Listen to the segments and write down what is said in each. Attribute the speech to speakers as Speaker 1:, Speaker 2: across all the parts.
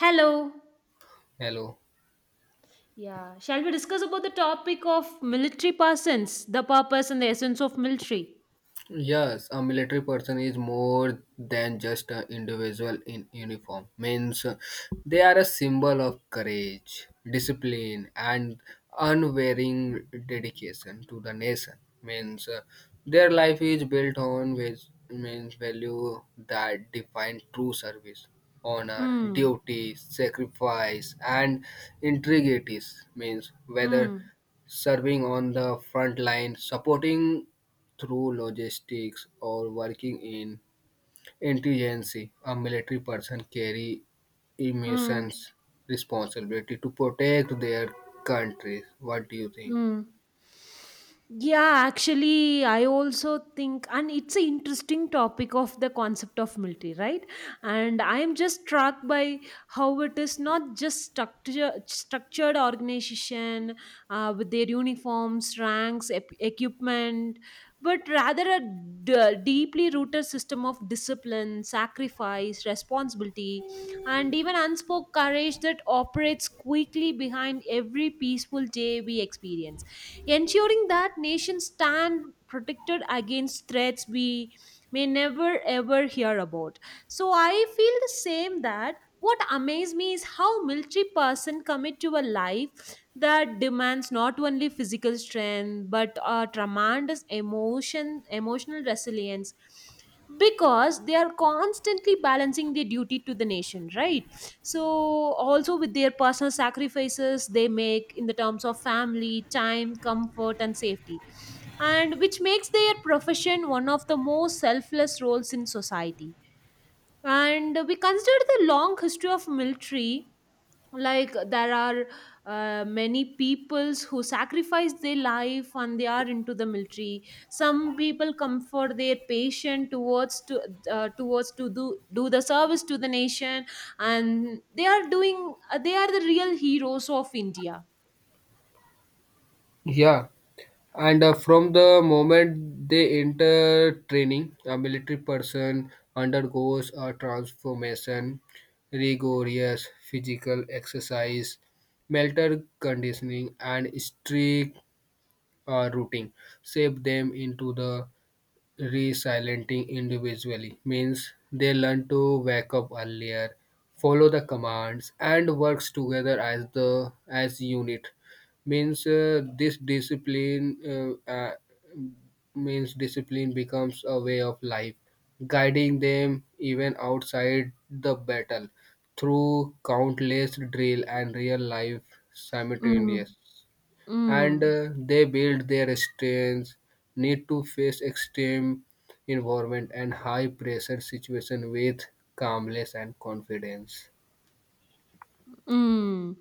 Speaker 1: Hello.
Speaker 2: Hello.
Speaker 1: Yeah, shall we discuss about the topic of military persons, the purpose and the essence of military?
Speaker 2: Yes, a military person is more than just an individual in uniform. Means they are a symbol of courage, discipline, and unwavering dedication to the nation. Means their life is built on means value that define true service, honor,
Speaker 1: Mm.
Speaker 2: duty, sacrifice, and integrities. Means whether
Speaker 1: Mm.
Speaker 2: serving on the front line, supporting through logistics or working in intelligence, a military person carry
Speaker 1: Mm.
Speaker 2: immense responsibility to protect their countries. What do you think?
Speaker 1: Mm. Yeah, actually, I also think, and it's an interesting topic of the concept of military, right? And I am just struck by how it is not just structured organization with their uniforms, ranks, equipment, but rather a deeply rooted system of discipline, sacrifice, responsibility, and even unspoken courage that operates quickly behind every peaceful day we experience, ensuring that nations stand protected against threats we may never ever hear about. So I feel the same, that what amazes me is how military person commit to a life that demands not only physical strength but a tremendous emotional resilience, because they are constantly balancing their duty to the nation, right, so also with their personal sacrifices they make in the terms of family time, comfort and safety, and which makes their profession one of the most selfless roles in society. And we consider the long history of military, like there are many peoples who sacrifice their life and they are into the military. Some people comfort their patient towards to towards to do the service to the nation, and they are doing they are the real heroes of India.
Speaker 2: Yeah, and from the moment they enter training, a military person undergoes a transformation, rigorous physical exercise, mental conditioning, and strict routine shape them into the resilienting individually means they learn to wake up earlier, follow the commands, and works together as the as unit. Means this discipline uh, uh, means discipline becomes a way of life, guiding them even outside the battle through countless drill and real life simultaneous,
Speaker 1: Mm.
Speaker 2: and
Speaker 1: Mm.
Speaker 2: they build their strength need to face extreme environment and high pressure situation with calmness and confidence.
Speaker 1: Mm.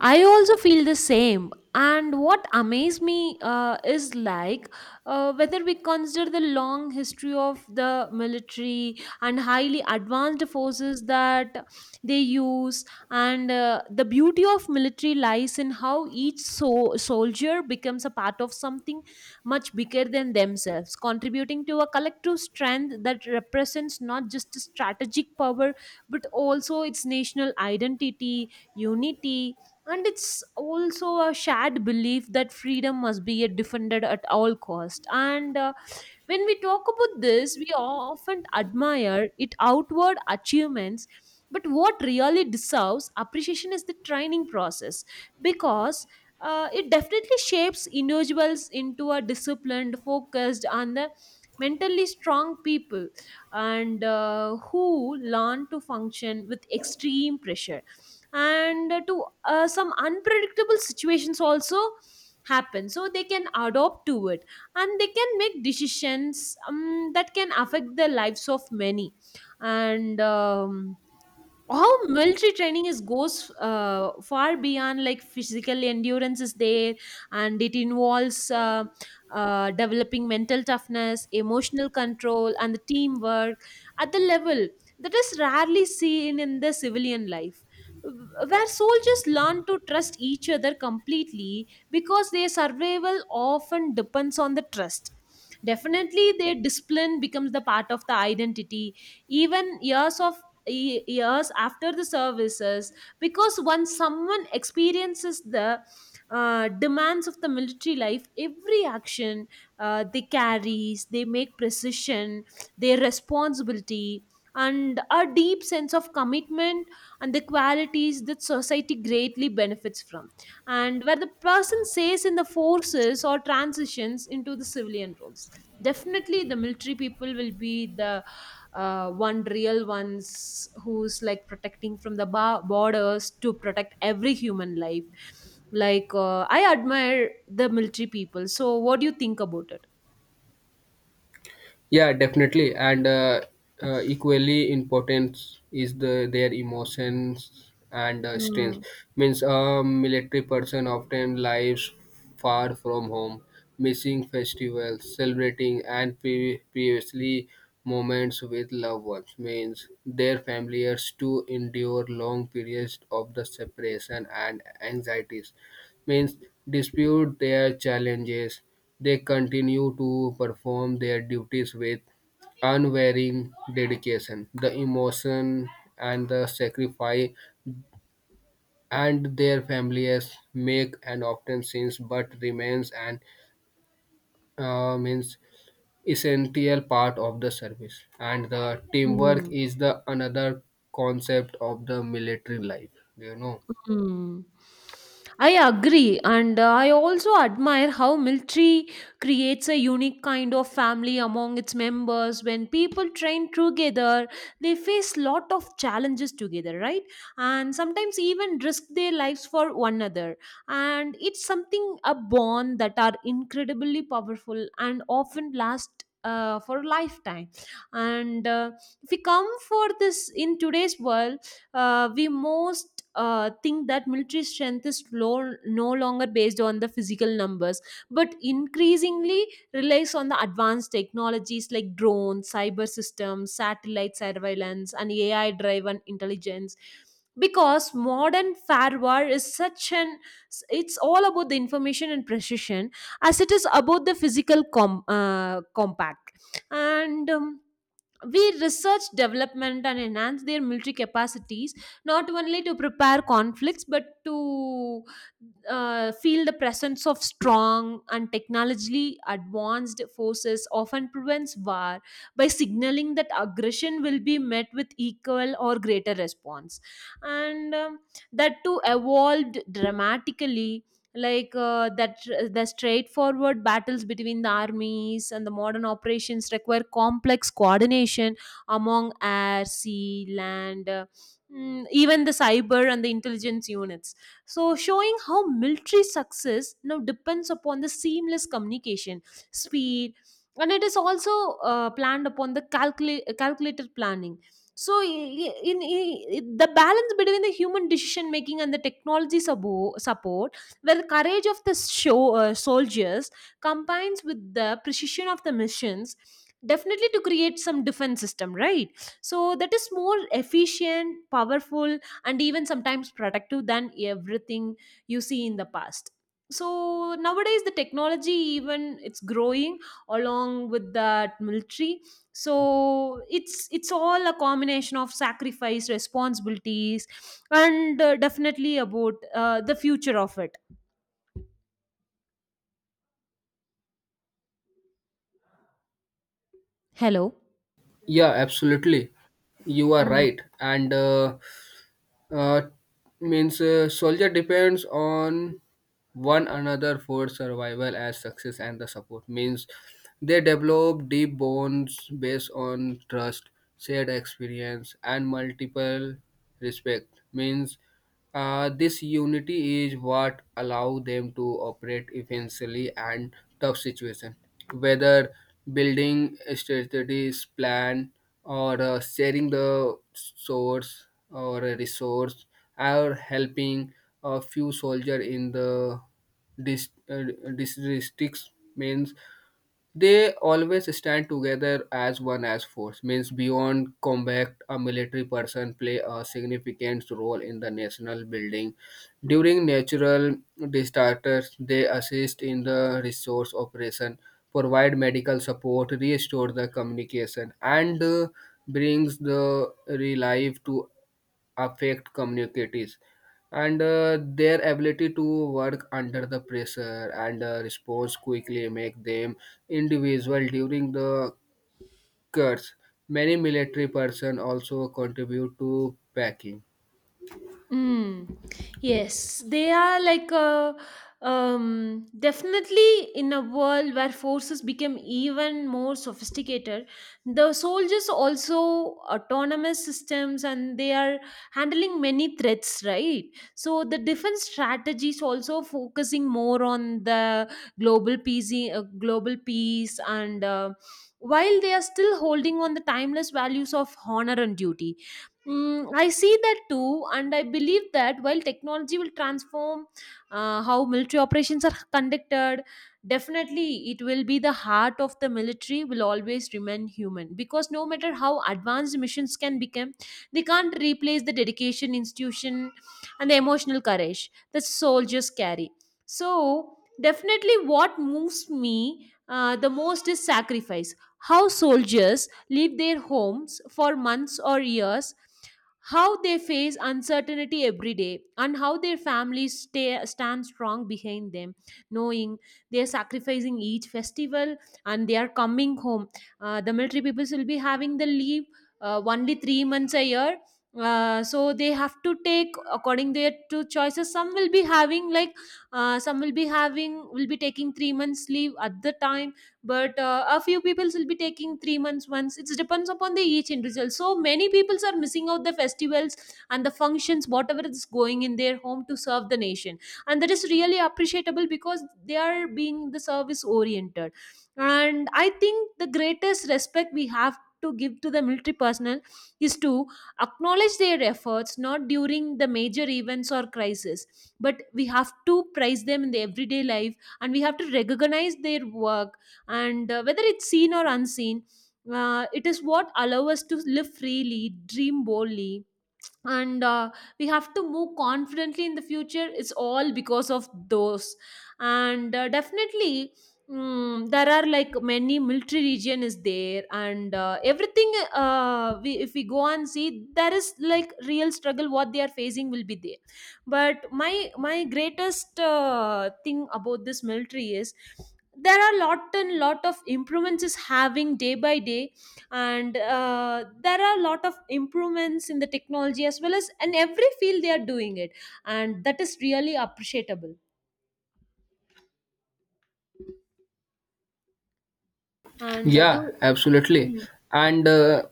Speaker 1: I also feel the same. And what amazed me is like whether we consider the long history of the military and highly advanced forces that they use, and the beauty of military lies in how each soldier becomes a part of something much bigger than themselves, contributing to a collective strength that represents not just strategic power but also its national identity, unity, and it's also a shared belief that freedom must be defended at all cost. And when we talk about this, we often admire it outward achievements, but what really deserves appreciation is the training process, because it definitely shapes individuals into a disciplined, focused, and the mentally strong people, and who learn to function with extreme pressure, and to some unpredictable situations also happen, so they can adopt to it, and they can make decisions that can affect the lives of many. And how military training is goes far beyond like physical endurance is there, and it involves developing mental toughness, emotional control and the teamwork at the level that is rarely seen in the civilian life, where soldiers learn to trust each other completely because their survival often depends on the trust. Definitely their discipline becomes the part of the identity, even years of years after the services, because once someone experiences the demands of the military life, every action they carries, they make precision, their responsibility, and a deep sense of commitment, and the qualities that society greatly benefits from. And where the person stays in the forces or transitions into the civilian roles, definitely the military people will be the one real ones who's like protecting from the borders to protect every human life. Like I admire the military people. So what do you think about it?
Speaker 2: Yeah, definitely, and equally important is the their emotions and strength.
Speaker 1: Mm.
Speaker 2: Means a military person often lives far from home, missing festivals, celebrating and previously moments with loved ones. Means their families to endure long periods of the separation and anxieties, means dispute their challenges. They continue to perform their duties with unwavering dedication. The emotion and the sacrifice and their families make an often sins but remains an means essential part of the service. And the teamwork
Speaker 1: Mm.
Speaker 2: is the another concept of the military life. You know.
Speaker 1: Hmm. I agree, and I also admire how military creates a unique kind of family among its members. When people train together, they face lot of challenges together, right? And sometimes even risk their lives for one another. And it's something a bond that are incredibly powerful and often last for a lifetime. And if we come for this in today's world, we most think that military strength is low, no longer based on the physical numbers, but increasingly relies on the advanced technologies like drones, cyber systems, satellite surveillance and AI driven intelligence, because modern firewall is such an, it's all about the information and precision as it is about the physical compact. And we research development and enhance their military capacities not only to prepare conflicts, but to feel the presence of strong and technologically advanced forces often prevents war by signaling that aggression will be met with equal or greater response. And that too evolved dramatically, like that the straightforward battles between the armies and the modern operations require complex coordination among air, sea, land, even the cyber and the intelligence units, so showing how military success now depends upon the seamless communication, speed, and it is also planned upon the calculated planning. So the balance between the human decision making and the technology support, where the courage of the soldiers combines with the precision of the missions, definitely to create some defense system, right? So that is more efficient, powerful, and even sometimes productive than everything you see in the past. So nowadays the technology even it's growing, along with that military, so it's all a combination of sacrifice, responsibilities, and definitely about the future of it. Hello.
Speaker 2: Yeah, absolutely. You are
Speaker 1: Mm.
Speaker 2: right. And uh, means soldier depends on one another for survival as success and the support. Means they develop deep bonds based on trust, shared experience and multiple respect. Means this unity is what allow them to operate efficiently and tough situation, whether building strategies, plan, or sharing the source or a resource, or helping a few soldier in the dis- uh, districts. Means they always stand together as one as force. Means beyond combat a military person play a significant role in the national building. During natural disasters they assist in the resource operation, provide medical support, restore the communication, and brings the relief to affect communicators, and their ability to work under the pressure and response quickly make them individual during the curse. Many military person also contribute to packing.
Speaker 1: Mm. Yes, they are like a, definitely in a world where forces become even more sophisticated. The soldiers also autonomous systems and they are handling many threats, right? So the defense strategies also focusing more on the global peace, global peace, and while they are still holding on the timeless values of honor and duty. Mm, I see that too, and I believe that while technology will transform how military operations are conducted, definitely it will be the heart of the military will always remain human, because no matter how advanced missions can become, they can't replace the dedication, institution, and the emotional courage that soldiers carry. So, definitely, what moves me the most is sacrifice. How soldiers leave their homes for months or years, how they face uncertainty every day, and how their families stand strong behind them, knowing they are sacrificing each festival and they are coming home. The military peoples will be having the leave only 3 months a year. So they have to take according their two choices. Some will be having like some will be having will be taking 3 months leave at the time, but a few people will be taking 3 months once. It depends upon the each individual, so many people are missing out the festivals and the functions whatever is going in their home to serve the nation, and that is really appreciable because they are being the service oriented. And I think the greatest respect we have to give to the military personnel is to acknowledge their efforts not during the major events or crisis, but we have to praise them in the everyday life, and we have to recognize their work, and whether it's seen or unseen, it is what allows us to live freely, dream boldly, and we have to move confidently in the future. It's all because of those, and definitely, mm, there are like many military region is there, and everything if we go and see, there is like real struggle what they are facing will be there. But my greatest thing about this military is there are lot and lot of improvements is having day by day, and there are a lot of improvements in the technology as well as in every field they are doing it, and that is really appreciable. And do.
Speaker 2: Yeah,
Speaker 1: Mm.
Speaker 2: absolutely. And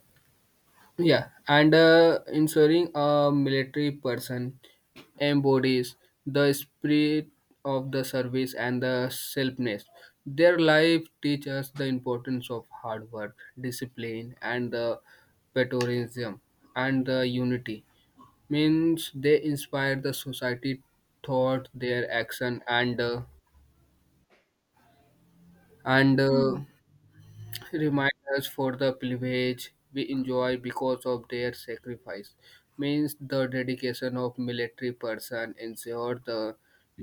Speaker 2: yeah, and ensuring a military person embodies the spirit of the service and the selfness. Their life teaches us the importance of hard work, discipline, and the patriotism and the unity. Means they inspire the society thought, their action, and and
Speaker 1: Mm.
Speaker 2: uh, remind us for the privilege we enjoy because of their sacrifice. Means the dedication of military person ensure the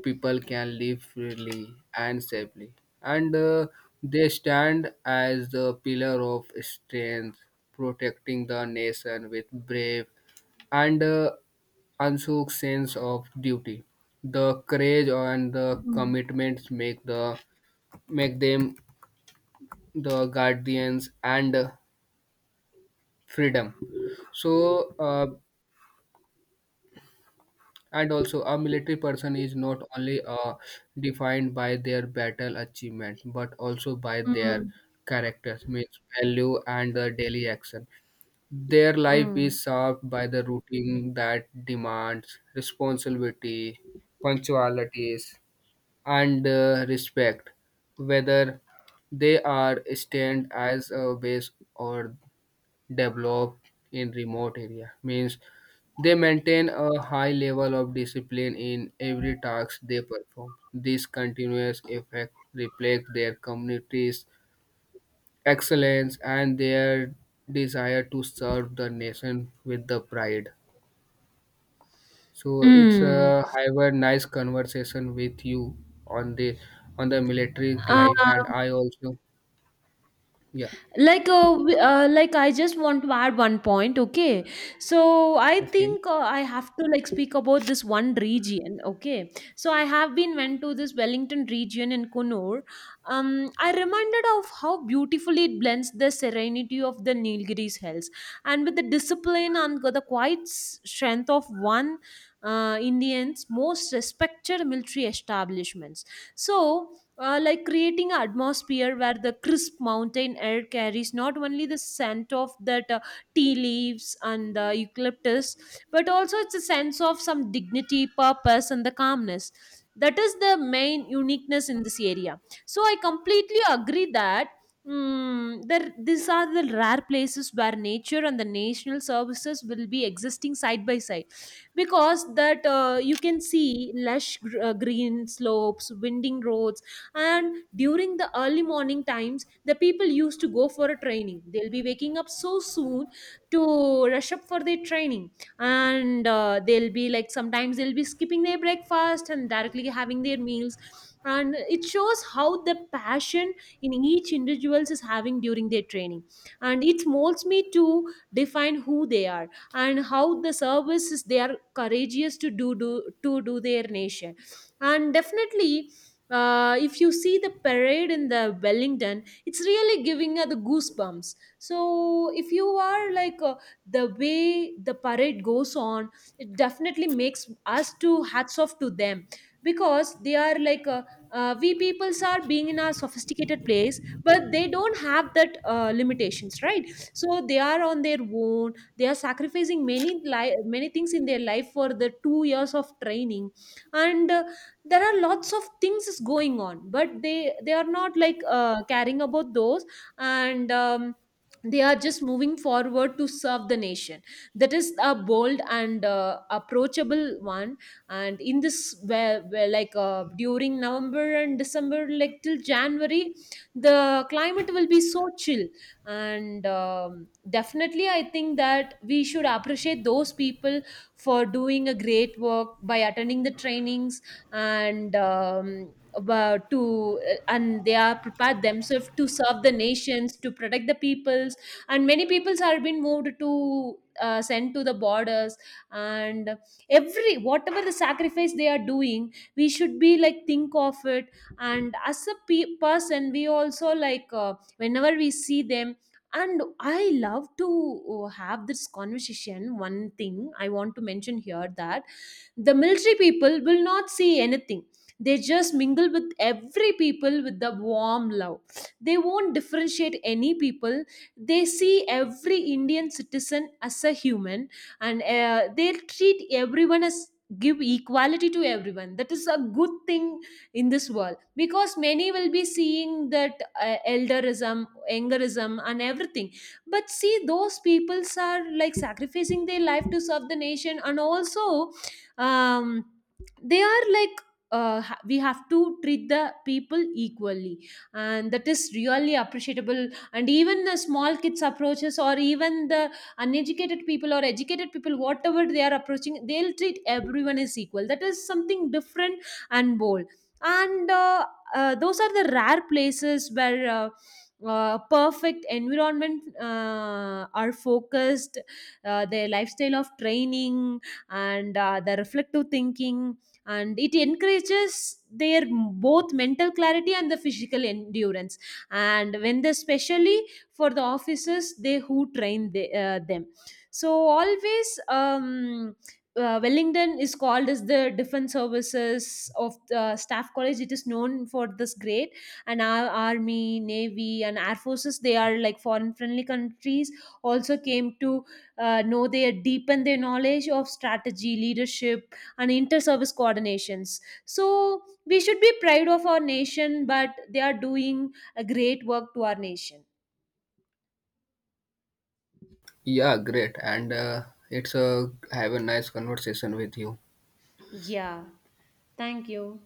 Speaker 2: people can live freely and safely, and they stand as the pillar of strength, protecting the nation with brave and unshook sense of duty. The courage and the
Speaker 1: Mm.
Speaker 2: commitments make the make them the guardians and freedom. So and also a military person is not only defined by their battle achievement but also by their
Speaker 1: Mm.
Speaker 2: characters. Means value and the daily action, their life
Speaker 1: Mm.
Speaker 2: is served by the routine that demands responsibility, punctualities, and respect. Whether they are stand as a base or developed in remote area, means they maintain a high level of discipline in every task they perform. This continuous effect reflects their community's excellence and their desire to serve the nation with the pride. So it's
Speaker 1: Mm.
Speaker 2: a however nice conversation with you on the on the military
Speaker 1: Uh,
Speaker 2: life, and I also, yeah.
Speaker 1: like I just want to add one point. Okay, so I
Speaker 2: Okay.
Speaker 1: think I have to like speak about this one region. Okay, so I have been went to this Wellington region in Kunur. um I reminded of how beautifully it blends the serenity of the Nilgiris hills and with the discipline and the quiet strength of one Indians most respected military establishments. So like creating an atmosphere where the crisp mountain air carries not only the scent of that tea leaves and the eucalyptus, but also it's a sense of some dignity, purpose and the calmness, that is the main uniqueness in this area. So I completely agree that, mm, these are the rare places where nature and the national services will be existing side by side, because that you can see lush green slopes, winding roads, and during the early morning times the people used to go for a training, they'll be waking up so soon to rush up for their training, and they'll be like sometimes they'll be skipping their breakfast and directly having their meals, and it shows how the passion in each individuals is having during their training, and it molds me to define who they are, and how the services they are courageous to do their nation. And definitely, if you see the parade in the Wellington, it's really giving the goosebumps. So if you are like the way the parade goes on, it definitely makes us to hats off to them because they are like we peoples are being in a sophisticated place, but they don't have that limitations, right? So they are on their own. They are sacrificing many many things in their life for the 2 years of training, and there are lots of things is going on, but they are not like caring about those. And they are just moving forward to serve the nation, that is a bold and approachable one. And in this where like during November and December like till January, the climate will be so chill. And definitely I think that we should appreciate those people for doing a great work by attending the trainings. And about to, and they are prepared themselves to serve the nations to protect the peoples, and many peoples are being moved to sent to the borders. And every whatever the sacrifice they are doing, we should be like think of it. And as a person, we also like whenever we see them, and I love to have this conversation. One thing I want to mention here, that the military people will not see anything, they just mingle with every people with the warm love, they won't differentiate any people, they see every Indian citizen as a human, and they treat everyone as, give equality to everyone, that is a good thing in this world. Because many will be seeing that elderism, angerism and everything, but see those peoples are like sacrificing their life to serve the nation. And also, um, they are like we have to treat the people equally, and that is really appreciable. And even the small kids approaches, or even the uneducated people or educated people, whatever they are approaching, they'll treat everyone as equal, that is something different and bold. And those are the rare places where perfect environment are focused, their lifestyle of training, and the reflective thinking, and it encourages their both mental clarity and the physical endurance. And when they, especially for the officers they who train them, so always Wellington is called as the defense services of the staff college. It is known for this grade, and our army, navy, and air forces, they are like foreign friendly countries also came to know, they deepen their knowledge of strategy, leadership, and inter-service coordinations. So we should be proud of our nation, but they are doing a great work to our nation.
Speaker 2: Yeah, great, and it's a have a nice conversation with you.
Speaker 1: Yeah. Thank you.